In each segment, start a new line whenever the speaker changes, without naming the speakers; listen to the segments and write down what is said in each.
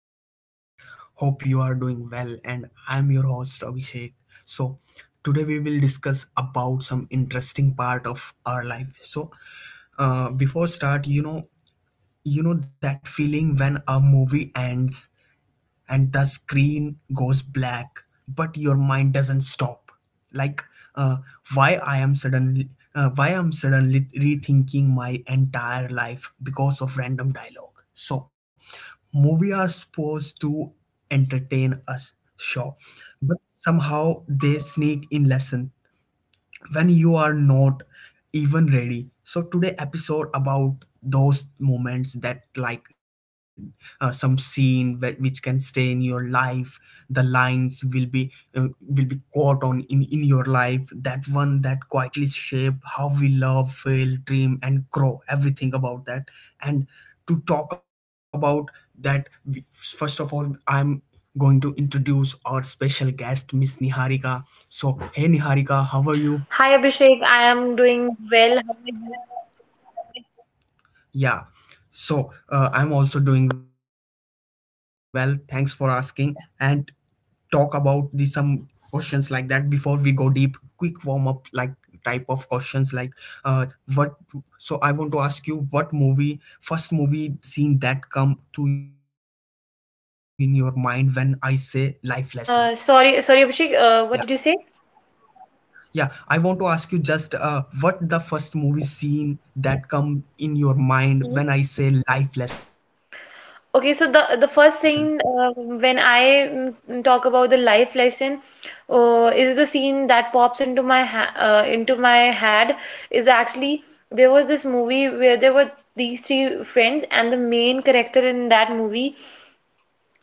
to our podcast. Hope you are doing well, and I'm your host Abhishek. So, today we will discuss about some interesting part of our life. So, before start, you know that feeling when a movie ends and the screen goes black but your mind doesn't stop, like, uh, why i am suddenly why I'm suddenly rethinking my entire life because of random dialogue? So movie are supposed to entertain us, sure, but somehow they sneak in lesson when you are not even ready. So today episode about those moments that, like, some which can stay in your life, the lines will be caught on in your life, that one that quietly shape how we love, fail, dream and grow, everything about that. And to talk about that, first of all I'm going to introduce our special guest, Miss Niharika. So, hey Niharika, how are you?
Hi Abhishek, I am doing well. How are you?
Yeah. So I'm also doing well. Thanks for asking. And talk about the some questions like that before we go deep. Quick warm up, like, type of questions, like, uh what. So I want to ask you, what movie first movie scene that come to in your mind when I say life lesson.
Sorry Abhishek,
Yeah,
what did you say?
yeah. I want to ask you just, what the first movie scene that come in your
Mhm.
mind when I say life lesson.
Okay, so the first scene when I talk about the life lesson is the scene that pops into my ha into my head is actually there was this movie where there were these three friends and the main character in that movie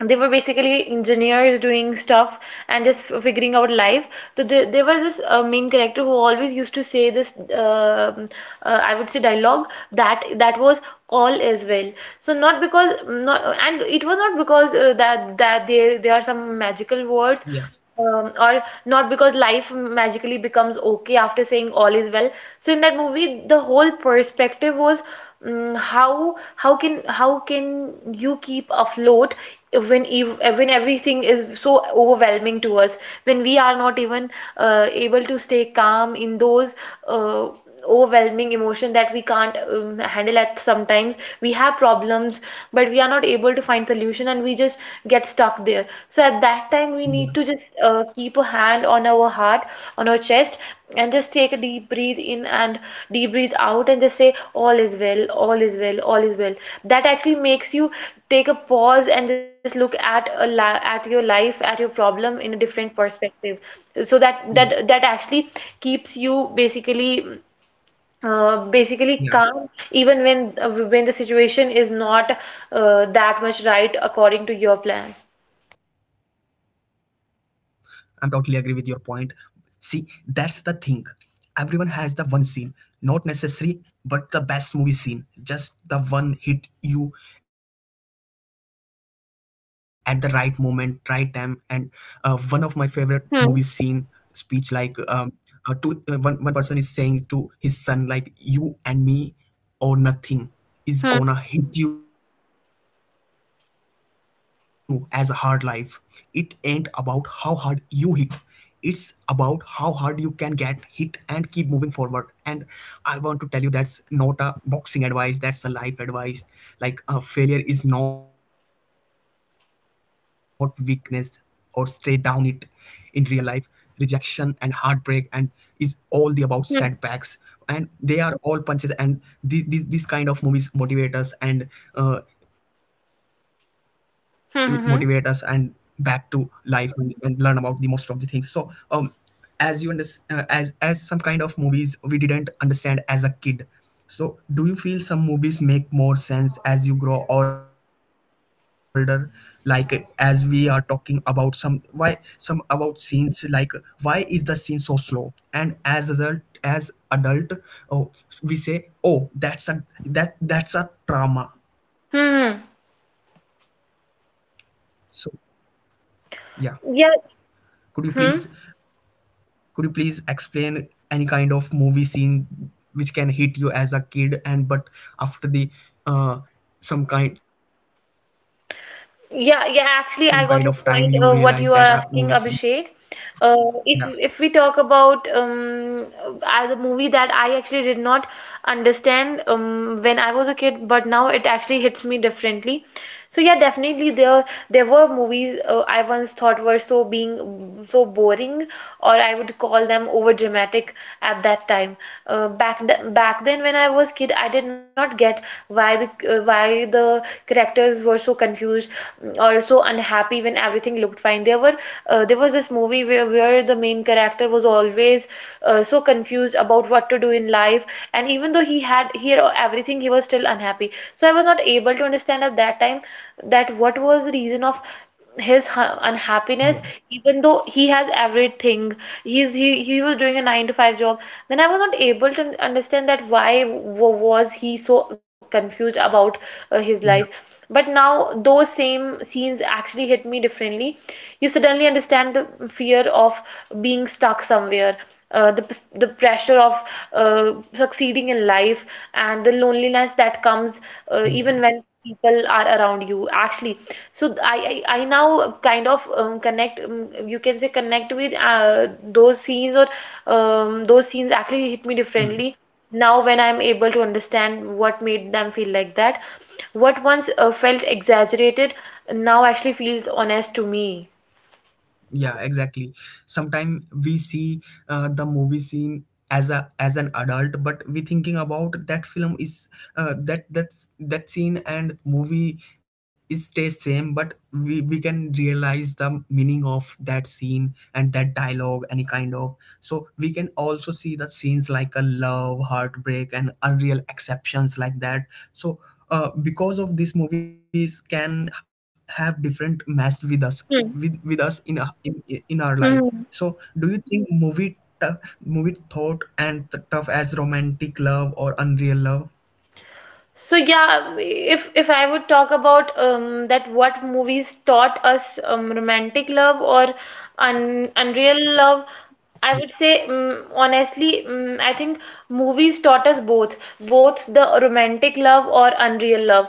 they were basically
Yeah,
engineers doing stuff and just figuring out life. So there was this main character who always used to say this, I would say, dialogue that was all is well. So not because not, and it was not because that that they are some magical words
yeah,
or not because life magically becomes okay after saying all is well. So in that movie, the whole perspective was how can you keep afloat
yeah,
when ev when everything is so overwhelming to us, when we are not even able to stay calm in those uh, overwhelming emotion that we can't handle at sometimes. We have problems but we are not able to find solution, and we just get stuck there. So at that time we need to just keep a hand on our heart, on our chest, and just take a deep breathe in and deep breathe out and just say all is well, all is well, all is well. That actually makes you take a pause and just look at at your life, at your problem in a different
yeah,
perspective, so that actually keeps you basically calm
yeah.
even when the situation is not that much right according to your plan.
I'm totally agree with your point. See, that's the thing. Everyone has the one scene, not necessary, but the best movie scene. Just the one hit you at the right moment, right time. And one of my favorite movie scene
Hmm.
speech, like, two, one one person is saying to his son, like, you and me. Or nothing
Hmm.
is gonna hit you as a hard life. It ain't about how hard you hit, it's about how hard you can get hit and keep moving forward. And I want to tell you that's not a boxing advice, that's a life advice. Like, failure is not weakness or stay down it in real life. Rejection and heartbreak and is all the about setbacks,
Hmm.
and they are all punches, and these kind of movies motivate us, and uh, motivate us and back to
Hmm. Hmm.
life, and, learn about the most of the things, so as you understand, as some kind of movies we didn't understand as a kid, so, do you feel some movies make more sense as you grow older? Like, as we are talking about some why some about scenes, like, why is the scene so slow? And as adult, oh, we say, oh, that's a trauma.
Hmm.
So, yeah, could you
Hmm. Yeah.
please
Hmm.
could you please explain any kind of movie scene which can hit you as a kid and but after the, uh, some kind of time you realize that a
Yeah,
movie
yeah,
scene.
actually, I got your point. What you are asking, Abhishek.
Yeah,
Uh, if we talk about the movie that I actually did not understand when I was a kid, but now it actually hits me differently. So yeah,
yeah,
definitely
exactly.
there were movies I once thought were so being so boring, or I would call them over dramatic at that time. Back then when I was kid, I did not get why the characters were so
Yeah,
confused. Mm. Or so unhappy when everything looked fine. There were there was this movie where the main character was always so confused about what to do in life, and even though he had everything, he was still unhappy. So I was not able to understand at that time that what was the reason of his unhappiness
yeah,
even though he has everything. He was doing a 9 to 5 job. Then I was not able to understand that why was he so confused about his
yeah,
life, but now those same scenes actually hit me differently. You suddenly understand the fear of being stuck somewhere, the pressure of succeeding in life, and the loneliness that comes even
yeah.
when people are around you actually. So I now kind of connect, you can say, connect with those scenes, or those scenes actually hit me differently
Mm.
now when I'm able to understand what made them feel like that. What once felt exaggerated now actually feels honest to me.
Yeah, exactly. Sometimes we see, the movie scene as a as an adult, but we thinking about that film is uh, that that that scene and movie is stay same, but we can realize the meaning of that scene and that dialogue, any kind of, so we can also see the scenes like a love, heartbreak and unreal exceptions, like that. So because of these movies can have different mess with us, with us in a, in our life.
Hmm.
So, do you think movie thought and the tough as romantic love or unreal love?
So yeah, if I would talk about that what movies taught us romantic love or un unreal love, I would say honestly, I think movies taught us both, both the romantic love or unreal love,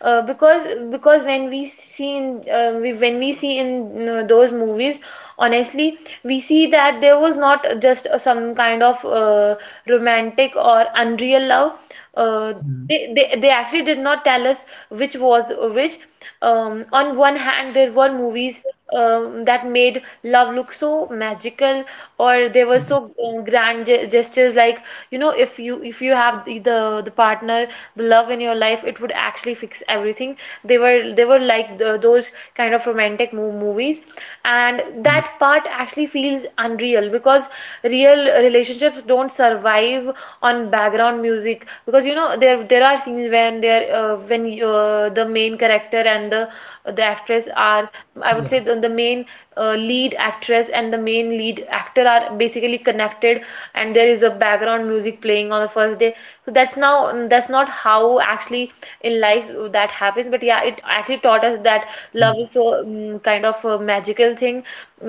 because when we see in, when we see in, you know, those movies, honestly, we see that there was not just some kind of romantic or unreal love. Uh, they,
Mm.
they, they actually did not tell us which was which. On one hand, there were movies that made love look so magical, or they were so um,
Yeah,
grand ge- gestures. Like, you know, if you have the partner, the love in your life, it would actually fix everything. They were like those kind of romantic mo movies, and that part actually feels unreal because real relationships don't survive on background music, because you know there are scenes when the main character and the actress are,
yeah,
I would say, the main lead actress and the main lead actor are basically connected, and there is a background music playing on the first day. So that's, now that's not how actually in life that happens, but yeah, it actually taught us that
yeah,
love is so kind of a magical thing,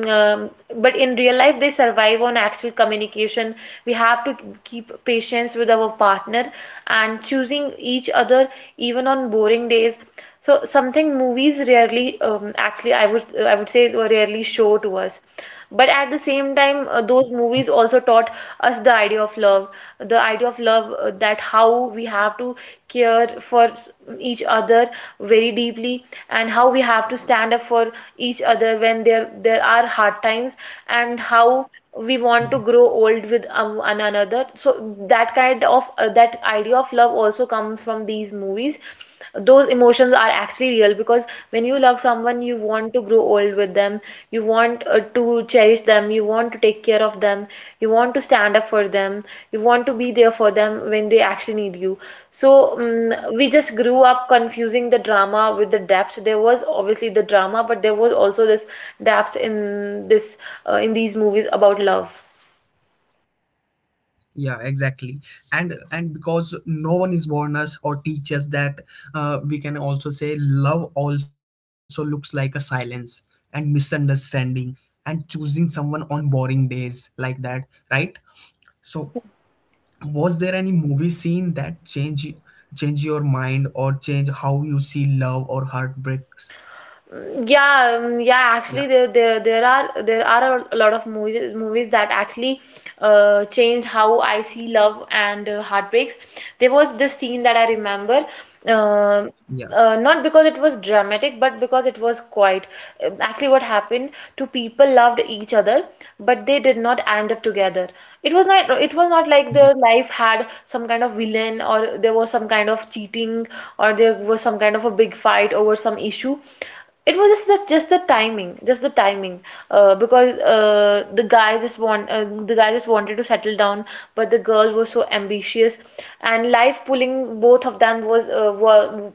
um, but in real life they survive on actual communication. We have to keep patience with our partner and choosing each other even on boring days. So something movies rarely, actually, I would say rarely show to us. But at the same time, those movies also taught us the idea of love, the idea of love that how we have to care for each other very deeply, and how we have to stand up for each other when there are hard times, and how we
yeah,
want to grow old with one another. So that kind of that idea of love also comes from these movies. Those emotions are actually real because when you love someone you want to grow old with them, you want to cherish them, you want to take care of them, you want to stand up for them, you want to be there for them when they actually need you. So we just grew up confusing the drama with the depth. There was obviously the drama, but there was also this depth in this in these movies about love.
yeah, exactly. And, because no one is warn us or teach us that, we can also say love also looks like a silence and misunderstanding and choosing someone on boring days, like that, right? So was there any movie scene that change your mind or change how you see love or heartbreaks?
Yeah,
Yeah,
yeah. Actually, there are a lot of movies that actually changed how I see love and heartbreaks. There was this scene that I remember, uh,
yeah,
not because it was dramatic, but because it was quite. Um, actually, what happened? Two people loved each other, but they did not end up together. It was not like their
yeah,
life had some kind of villain, or there was some kind of cheating, or there was some kind of a big fight over some issue. It was just the timing, just the timing, because the guy just wanted to settle down, but the girl was so ambitious, and life pulling both of them was were,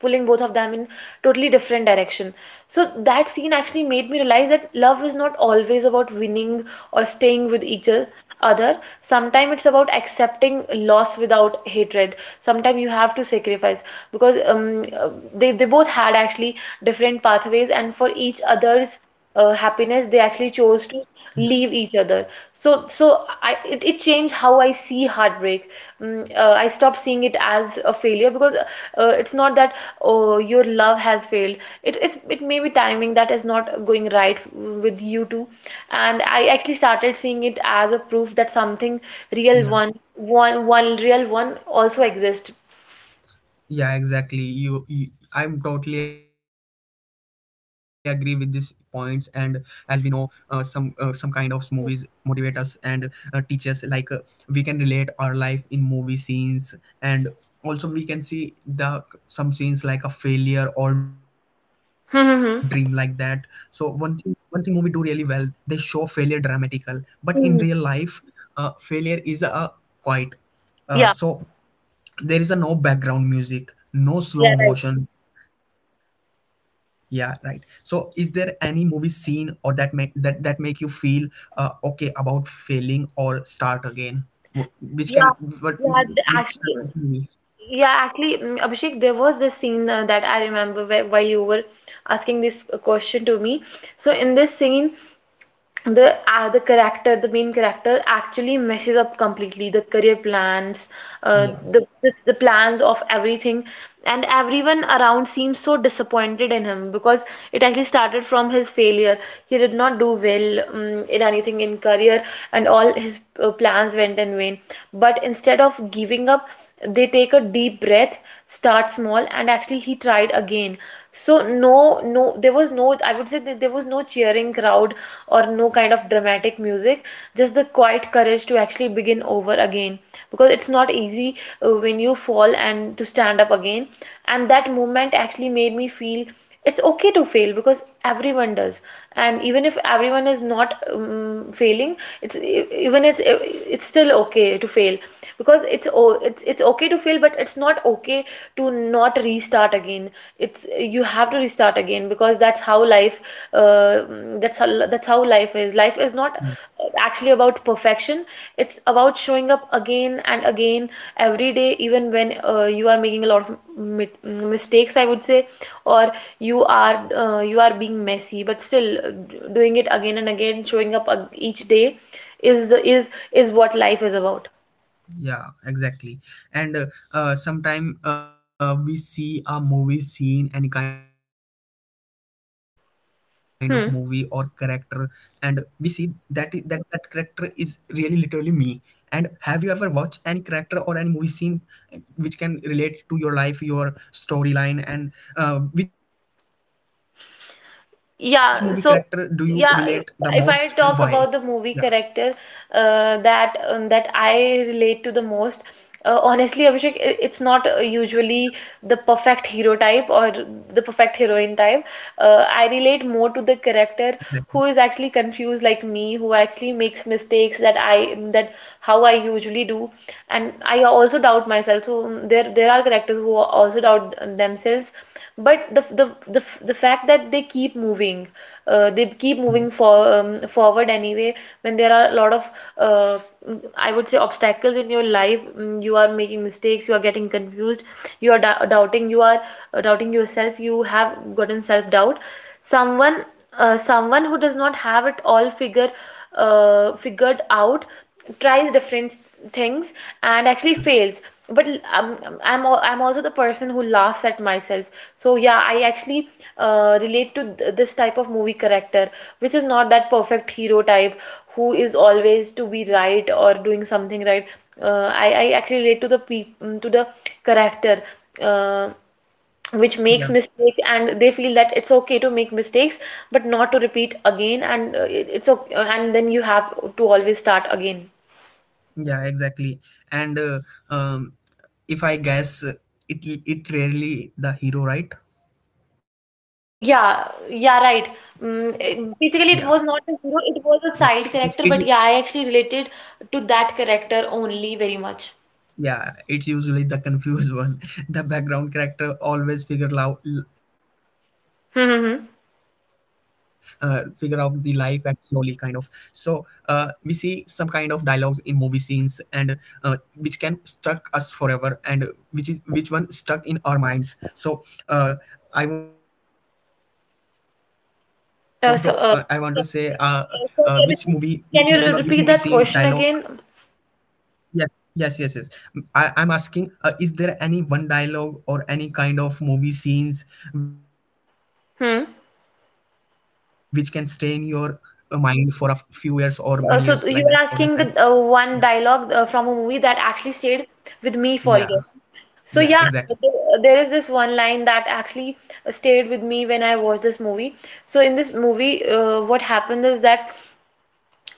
pulling both of them in totally different direction. So that scene actually made me realize that love is not always about winning or staying with each other. Sometimes it's about accepting loss without hatred. Sometimes you have to sacrifice because they both had actually different pathways, and for each other's happiness they actually chose
yeah,
to leave each other. It changed how I see heartbreak break. I stopped seeing it as a failure because it's not that oh your love has failed. It is, it may be timing that is not going right with you two, and I actually started seeing it as a proof that something real
yeah.
one one one real one also exists.
Yeah, exactly. you I'm totally agree with these points. And as we know, some, some kind of movies motivate us, and teach us, like, we can relate our life in movie scenes, and also we can see the some scenes like a failure or dream, like that. So
Mm-hmm.
one thing movie do really well, they show failure dramatical, but in real
Hmm.
life, failure is a quite,
Yeah,
so there is a no background music, no slow
yeah, right.
motion. Yeah, right. So is there any movie scene or that make that make you feel okay about failing or start again? Which can
Yeah,
what,
yeah, th-
which type of
actually,
movie?
yeah, actually, Abhishek, there was this scene that I remember where, while you were asking this question to me. So in this scene, the main character actually messes up completely the career plans, uh,
Yeah,
the, the the plans of everything, and everyone around seems so disappointed in him because it actually started from his failure. He did not do well in anything in career, and all his plans went in vain, but instead of giving up they take a deep breath, start small, and actually he tried again. So no, no, there was no, I would say that there was no cheering crowd or no kind of dramatic music, just the quiet courage to actually begin over again. Because it's not easy when you fall and to stand up again. And that moment actually made me feel it's okay to fail because everyone does, and even if everyone is not failing, it's e- even it's e, it's still okay to fail because it's o- it's it's okay to fail but it's not okay to not restart again. It's You have to restart again because that's how life uh, that's how life is. Life is not actually about perfection, it's about showing up again and again every day, even when you are making a lot of mistakes, I would say, or you are being messy but still doing it again and again, showing up each day is what life is about.
yeah, exactly. And sometime, we see a movie scene any kind of movie or character, and we see
Hmm.
that that character is really literally me. And have you ever watched any character or any movie scene, which can relate to your life, your storyline, and which movie character do you relate the most,
Yeah,
and
so
why?
yeah,
Yeah,
if I talk about the movie character that I relate to the most, honestly, Abhishek, it's not usually the perfect hero type or the perfect heroine type.
exactly.
I relate more to the character who is actually confused like me, who actually makes mistakes that how I usually do, and I also doubt myself themselves. So there are characters who also doubt themselves but the, the fact
Yeah,
that they keep moving, they keep moving forward anyway when there are a lot of uh, I would say obstacles in your life. You are making mistakes, you are getting confused, you are doubting, you are doubting yourself, you have gotten self doubt. Someone someone who does not have it all figured out, tries different things and actually
yeah,
fails. But um, I'm also the person who laughs at myself. So yeah, I actually relate to this type of movie character, which is not that perfect hero type who is always to be right or doing something right. I actually relate to the character uh, which makes
yeah.
mistake and they feel that it's okay to make mistakes but not to repeat again. And it's okay, and then you have to always start again.
Yeah, exactly. And um, if I guess, it it rarely the hero, right? Yeah,
Yeah, yeah, right.
yeah.
Basically,
It,
it was
it
not a hero, it was a side character, but yeah, I actually related to that character only very much.
Yeah, it's usually the confused one. The background character always figure out
Hmm,
the
hmm,
life
hmm.
and slowly kind of. So we see some kind of dialogues in movie scenes, and which can stuck us forever, and which one stuck in our minds. So uh, I want to say
uh, so,
which
uh,
movie or which movie scene
Sorry
dialogue?
Abhishek, can you repeat that question again?
Yes, yes, yes, yes. I'm asking, is there any one dialogue or any kind of movie scenes which can stay in your
Hmm.
mind for a few years or many years like that, or lifetime? Yeah,
So you were asking the one dialogue from a movie that actually stayed with me
yeah,
for years. So
yeah,
yeah,
exactly.
there is this one line that actually stayed with me when I watched this movie. So in this movie, what happened is that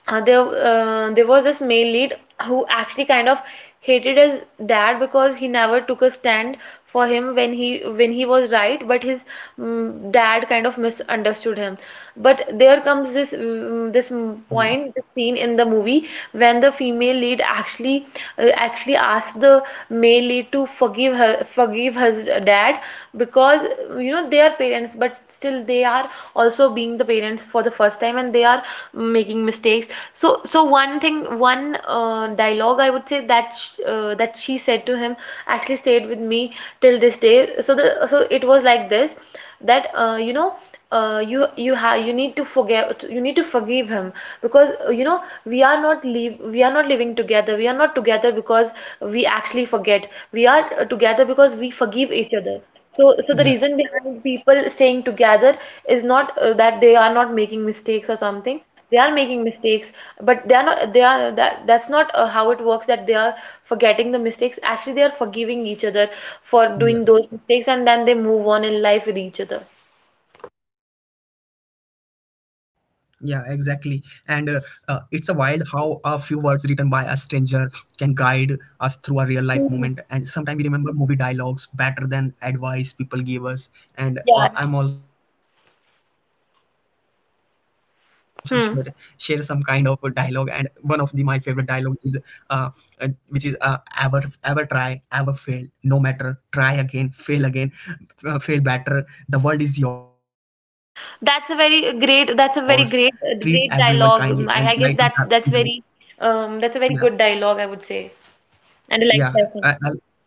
there was this male lead who actually kind of hated his dad because he never took a stand for him when he was right, but his dad kind of misunderstood him. But there comes this this
Yeah,
point, this scene in the movie when the female lead actually actually asks the male lead to forgive her his dad, because you know, they are parents, but still they are also being the parents for the first time and they are making mistakes. So so one thing, one dialogue, I would say, that she said to him actually stayed with me till this day. So the, so it was like this, that you know, you need to
yeah,
forgive him, because you know, we are not living together, we are not together because we actually forget we are together because we forgive each other. So so the
yeah,
reason behind people staying together is not that they are not making mistakes or something. They are making mistakes, but they are not they are that that's not how it works. That They are forgetting the mistakes actually they are forgiving each other for
yeah.
doing those mistakes, and then they move on in life with each other.
Yeah, exactly. And it's a wild how a few words written by a stranger can guide us through a real life moment. And sometimes we
Hmm.
remember movie dialogues better than advice people give us. And
Yeah,
I'm
right.
also share some kind of dialogue. And one of the my favorite
Hmm.
dialogue is, uh, which is, ever try, ever fail, no matter, try again, fail again, fail better, the world is yours, treat everyone kindly
That's a
and
very
light up
great.
the,
That's a
in
very
the night.
great, great dialogue. I guess that
Yeah,
that's very, that's a very good dialogue, I would say,
yeah.
and a life
uh, I-
lesson.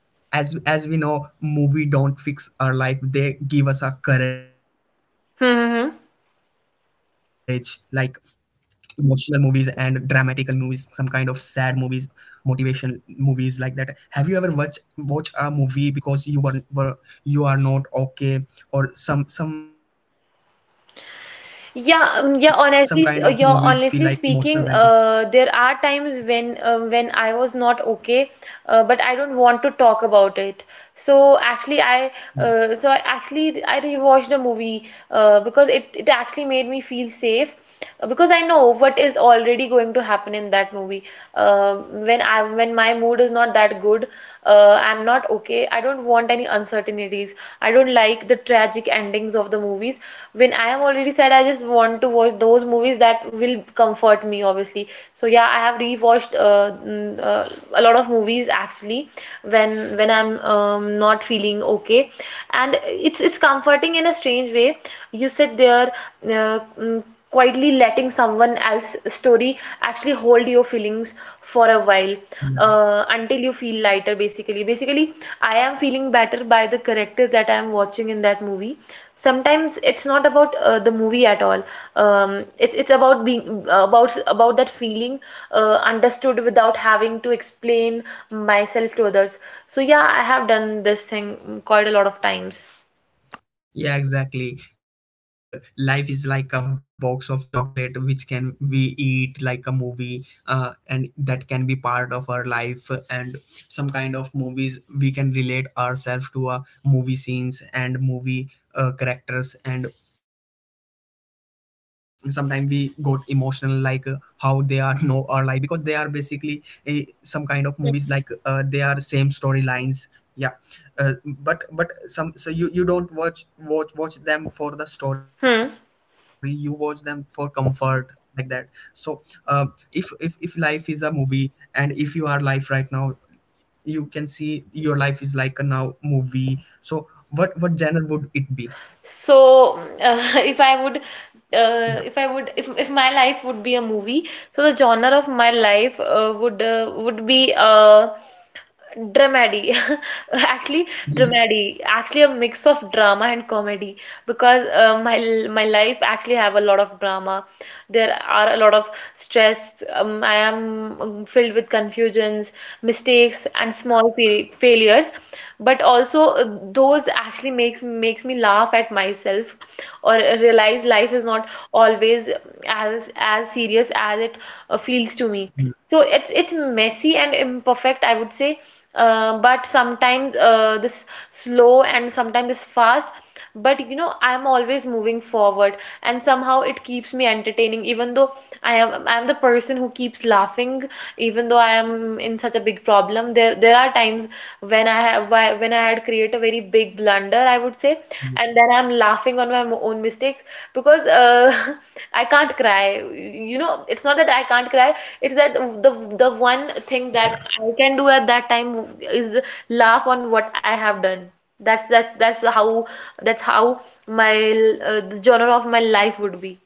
as as we know, movie don't fix our life, they give us a courage, like,
Hmm, hmm, hmm.
emotional movies and dramatical movies, some kind of sad movies, motivation movies, like that. Have you ever watch a movie because you were you are not okay, or some kind of movies feel like emotional
Yeah,
blankets?
yeah. Honestly, yeah. Honestly speaking, there are times when I was not okay, but I don't want to talk about it. So actually, I actually I rewatched the movie because it actually made me feel safe, because I know what is already going to happen in that movie. Uh, when I, when my mood is not that good, I'm not not okay. I don't want any uncertainties. I don't like the tragic endings of the movies. When I am already sad, I just want to watch those movies that will comfort me, obviously. So yeah, I have rewatched a lot of movies actually when I'm not feeling okay, and it's comforting in a strange way. You sit there, uh, quietly letting someone else's story actually hold your feelings for a while,
Yeah.
until you feel lighter. Basically, I am feeling better by the characters that I am watching in that movie. Sometimes it's not about the movie at all. It's about being about that feeling understood without having to explain myself to others. So yeah, I have done this thing quite a lot of times.
Yeah, exactly. And life is like a box of chocolate, which can we eat like a movie, and that can be part of our life. And some kind of movies we can relate ourselves to, movie scenes and movie, characters. And sometimes we got emotional, like, how they are
Hmm.
know our life, because they are basically a, some kind of movies, like, they are same storylines. Yeah, but, some so you don't watch them for the story, you watch them for
Hmm.
comfort, like that. So if life is a movie, and if you are life right now, you can see your life is like a now movie, so what genre would it be? Yeah.
If I would if my life would be a movie, so the genre of my life would be dramedy. Actually, dramedy. Actually, a mix of drama and comedy, because my life actually have a lot of drama. There are a lot of stress. I am filled with confusions, mistakes, and small fa failures. But also, those actually makes me laugh at myself or realize life is not always as serious as it feels to
Yeah,
me. So it's messy and imperfect, I would say, but sometimes this slow and sometimes it's fast. But you know, I'm always moving forward, and somehow it keeps me entertaining. Even though I'm the person who keeps laughing, even though I am in such a big problem. There are times when I had created a very big blunder, I would say,
yeah.
and then I'm laughing on my own mistakes, because I can't cry. You know, it's not that I can't cry. It's that the the one thing that I can do at that time is laugh on what I have done. That's how that's how my the genre of my life would be.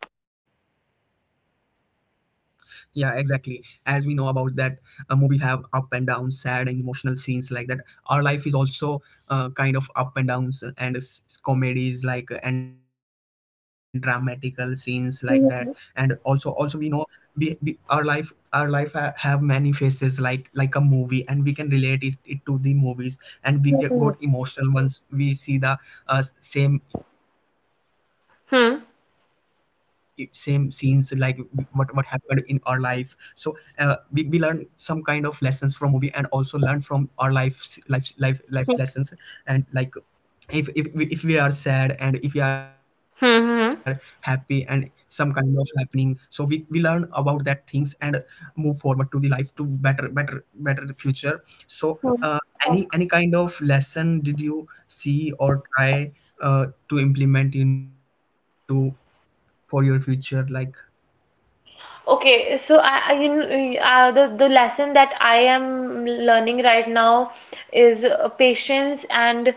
Yeah, exactly. As we know about that, a movie have up and down, sad and emotional scenes like that. Our life is also kind of up and downs and comedies, like, and dramatical scenes, like that. And also, also we
Hmm.
know, we our have many faces, like a movie, and we can relate it to the movies, and we got emotional once we see the uh, same same scenes, like
Hmm.
what happened in our life, so we learn some kind of lessons from movie, and also learn from our life lessons. And, like, if if if we are sad and if we are happy and some
Hmm.
kind of happening, so we learn about that things and move forward to the life to better future. So
Hmm.
any kind of lesson did you see or try, to implement in your life to, for your future, like?
Okay, so I, you know, the lesson that I am learning right now is patience and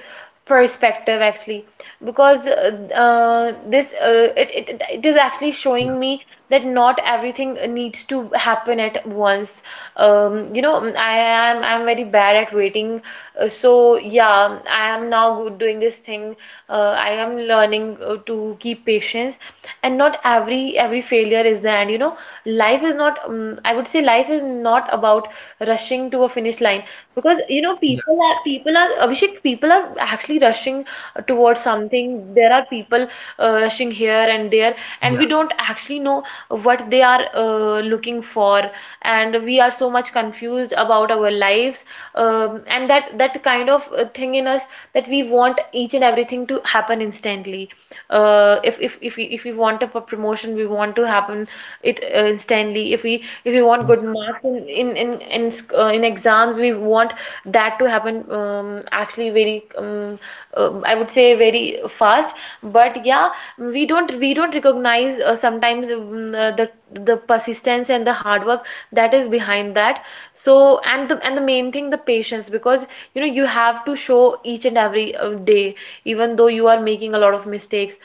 perspective actually, because
Yeah,
it it is actually showing me that not everything needs to happen at once. You know, I'm very bad at waiting. So yeah, I am now good doing this thing. I am learning to keep patience, and not every failure is the end. You know, life is not I would say life is not about rushing to a finish line. Because you know,
yeah,
people are, Abhishek, people are actually rushing towards something. There are
yeah,
people rushing here and there, and we don't actually know what they are looking for. And we are so much confused about our lives, and that that kind of thing in us, that we want each and everything to happen instantly. If we, if we want a promotion, we want to happen it instantly. If we want good
yeah,
marks in exams, we want that to happen, actually very I would say very fast. But yeah, we don't, we don't recognize sometimes the persistence and the hard work that is behind that. So and the main thing, the patience, because you know, you have to show each and every day even though you are making a lot of mistakes.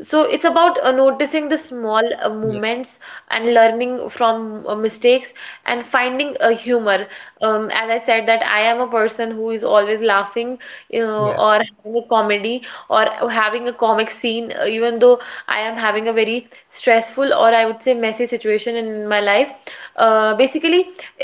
So it's
yeah,
about noticing the small moments and learning from mistakes and finding a humor, as I said, that I am a person who is always laughing, you know,
yeah,
or having a comedy or having a comic scene, even though I am having a very stressful, or I would say messy situation in my life. Basically,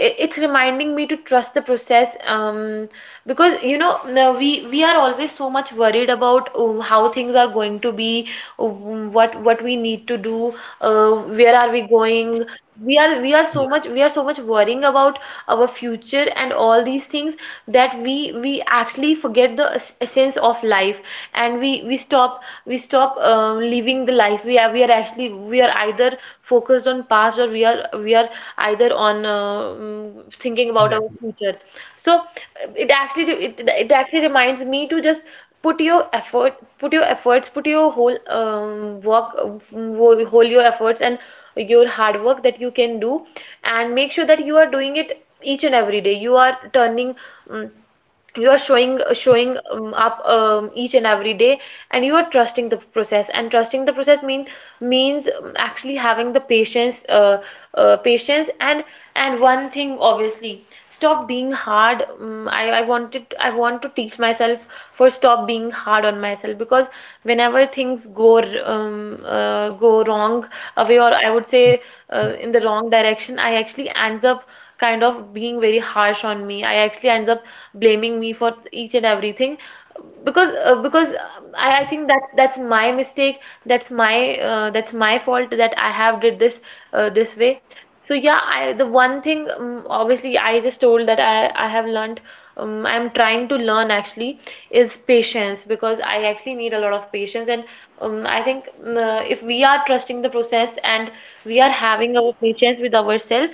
it's reminding me to trust the process, because you know, now we are always so much worried about how things are going to be, what we need to do, where are we
yeah,
going. We are so much, worrying about our future and all these things, that we actually forget the essence of life. And we stop up, living the life. We are actually, we are either focused on past, or we are either on thinking about
exactly.
our future. So it it actually reminds me to just put your effort, put your whole whole your efforts and your hard work that you can do, and make sure that you are doing it each and every day. You are turning, mm, you are showing up, each and every day, and you are trusting the process. And trusting the process means, actually having the patience, patience. And one thing obviously, stop being hard, I wanted, I want to teach myself for stop being hard on myself, because whenever things
Hmm. Yeah,
go wrong away, or I would say in the wrong direction, I actually ends up kind of being very harsh on me. I actually ends up blaming me for each and everything, because I think that that's my mistake. That's my fault that I have did this this way. So yeah, I, the one thing, obviously I just told that I have learned, I'm trying to learn actually, is patience, because I actually need a lot of patience. And I think if we are trusting the process and we are
yeah.
having our patience with ourselves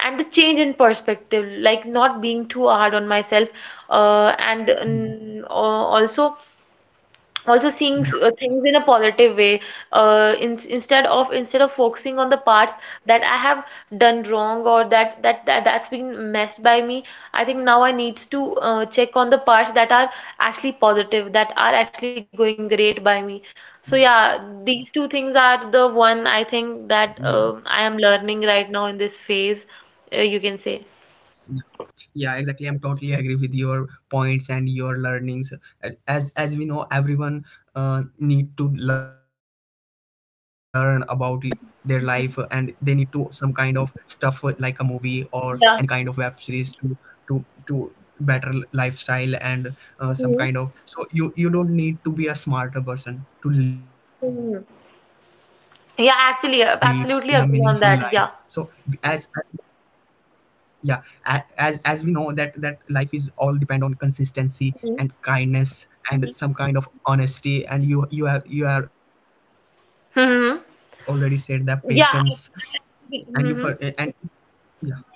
and the change in perspective, like not being too hard on myself,
Mm.
also also seeing
Yeah,
things in a positive way, instead of focusing on the parts that I have done wrong, or that that's been messed by me. I think now I need to check on the parts that are actually positive, that are actually going great by me. So yeah, these two things are the one I think that I am learning right now in this phase, you can
yeah,
say.
yeah, exactly. I'm totally agree with your points and your learnings. As we know, everyone need to learn about it, their life, and they need
Hmm.
to some kind of stuff, like a movie or any kind of web
Yeah.
series to, to better lifestyle, and some kind
Mhm.
of, so you don't need to be a smarter person to live in a
Mhm.
meaningful life. So,
Yeah, actually,
as
absolutely agree on that. Yeah.
yeah, as we know that, life is all depend on consistency and kindness, and some kind
Mhm.
of honesty, and you have already said that, patience.
Mm-hmm.
And you for,
Yeah.
and yeah,
Mm-hmm.
yeah,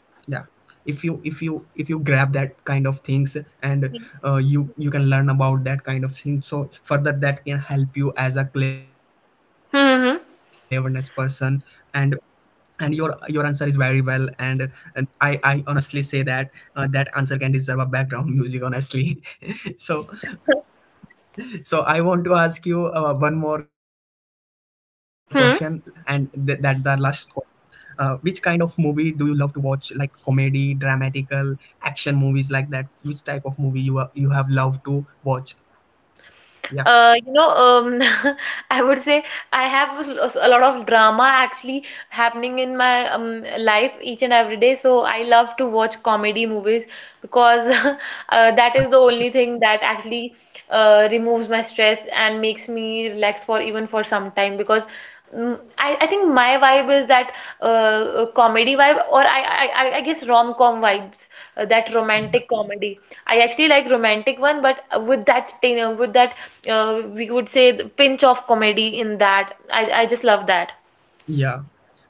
if you, if you grab that kind of things, and you can learn about that kind of thing, so further that can help you as a cleverness person. And
Hmm.
your answer is very well, and I honestly say that that answer can deserve a background music, honestly. So, I want to ask you one more question, and that the
Hmm.
last question, which kind of movie do you love to watch, like comedy, dramatical, action movies like that? Which type of movie you are, you have loved to watch? Yeah,
You know, I would say I have a lot of drama actually happening in my life each and every day. So I love to watch comedy movies, because that
yeah.
is the only thing that actually removes my stress and makes me relax for even for some time. Because I think my vibe is that comedy vibe, or I guess rom-com vibes, that romantic comedy. I actually like romantic one, but with that, with that, we would say the pinch of comedy in that. I just love that.
Yeah,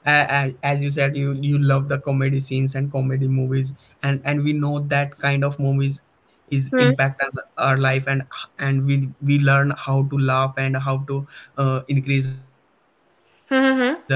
As you said, you love the comedy scenes and comedy movies, and we know that kind of movies is
Hmm.
impact on our life, and we learn how to laugh and how to, increase our sense of humor, like
Hmm.
that.
Hmm.
So,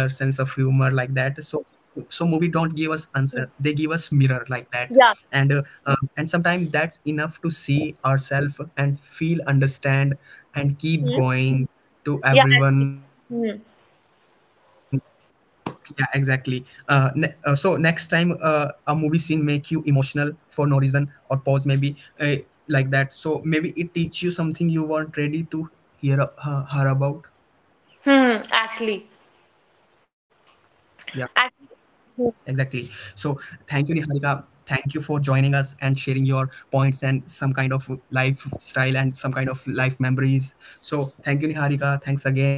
movie don't give us answer; they give us
Hmm.
mirror, like that, and uh,
Yeah.
uh, and sometimes that's enough to see ourselves and feel, understand, and keep
Hmm.
going to
Yeah.
everyone.
Actually. Hmm.
Yeah, exactly. So next time, a movie scene make you emotional for no reason or pause, maybe, like that. So maybe it teach you something you weren't ready to hear, her her about.
Hmm.
Yeah,
Actually.
exactly. So
Actually.
thank you, Niharika. Thank you for joining us and sharing your points and some kind of lifestyle and some kind of life memories. So thank you, Niharika. Thanks again.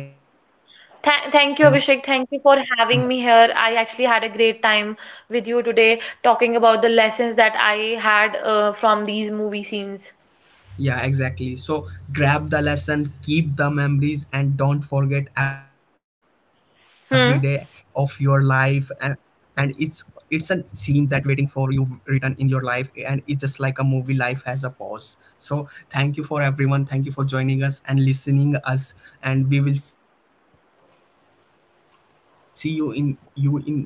Yeah.
Thank you, Abhishek. Thank you for having me here. I actually had a great time with you today talking about the lessons that I had from these movie scenes.
Yeah, exactly. So grab the lesson, keep the memories, and don't forget every day of your
Hmm.
life. And, and it's it's a scene that waiting for you written in your life, and it's just like a movie. Life has a pause. So thank you for everyone. Thank you for joining us and listening us. And we will see you in, next topic. And see you. Bye bye.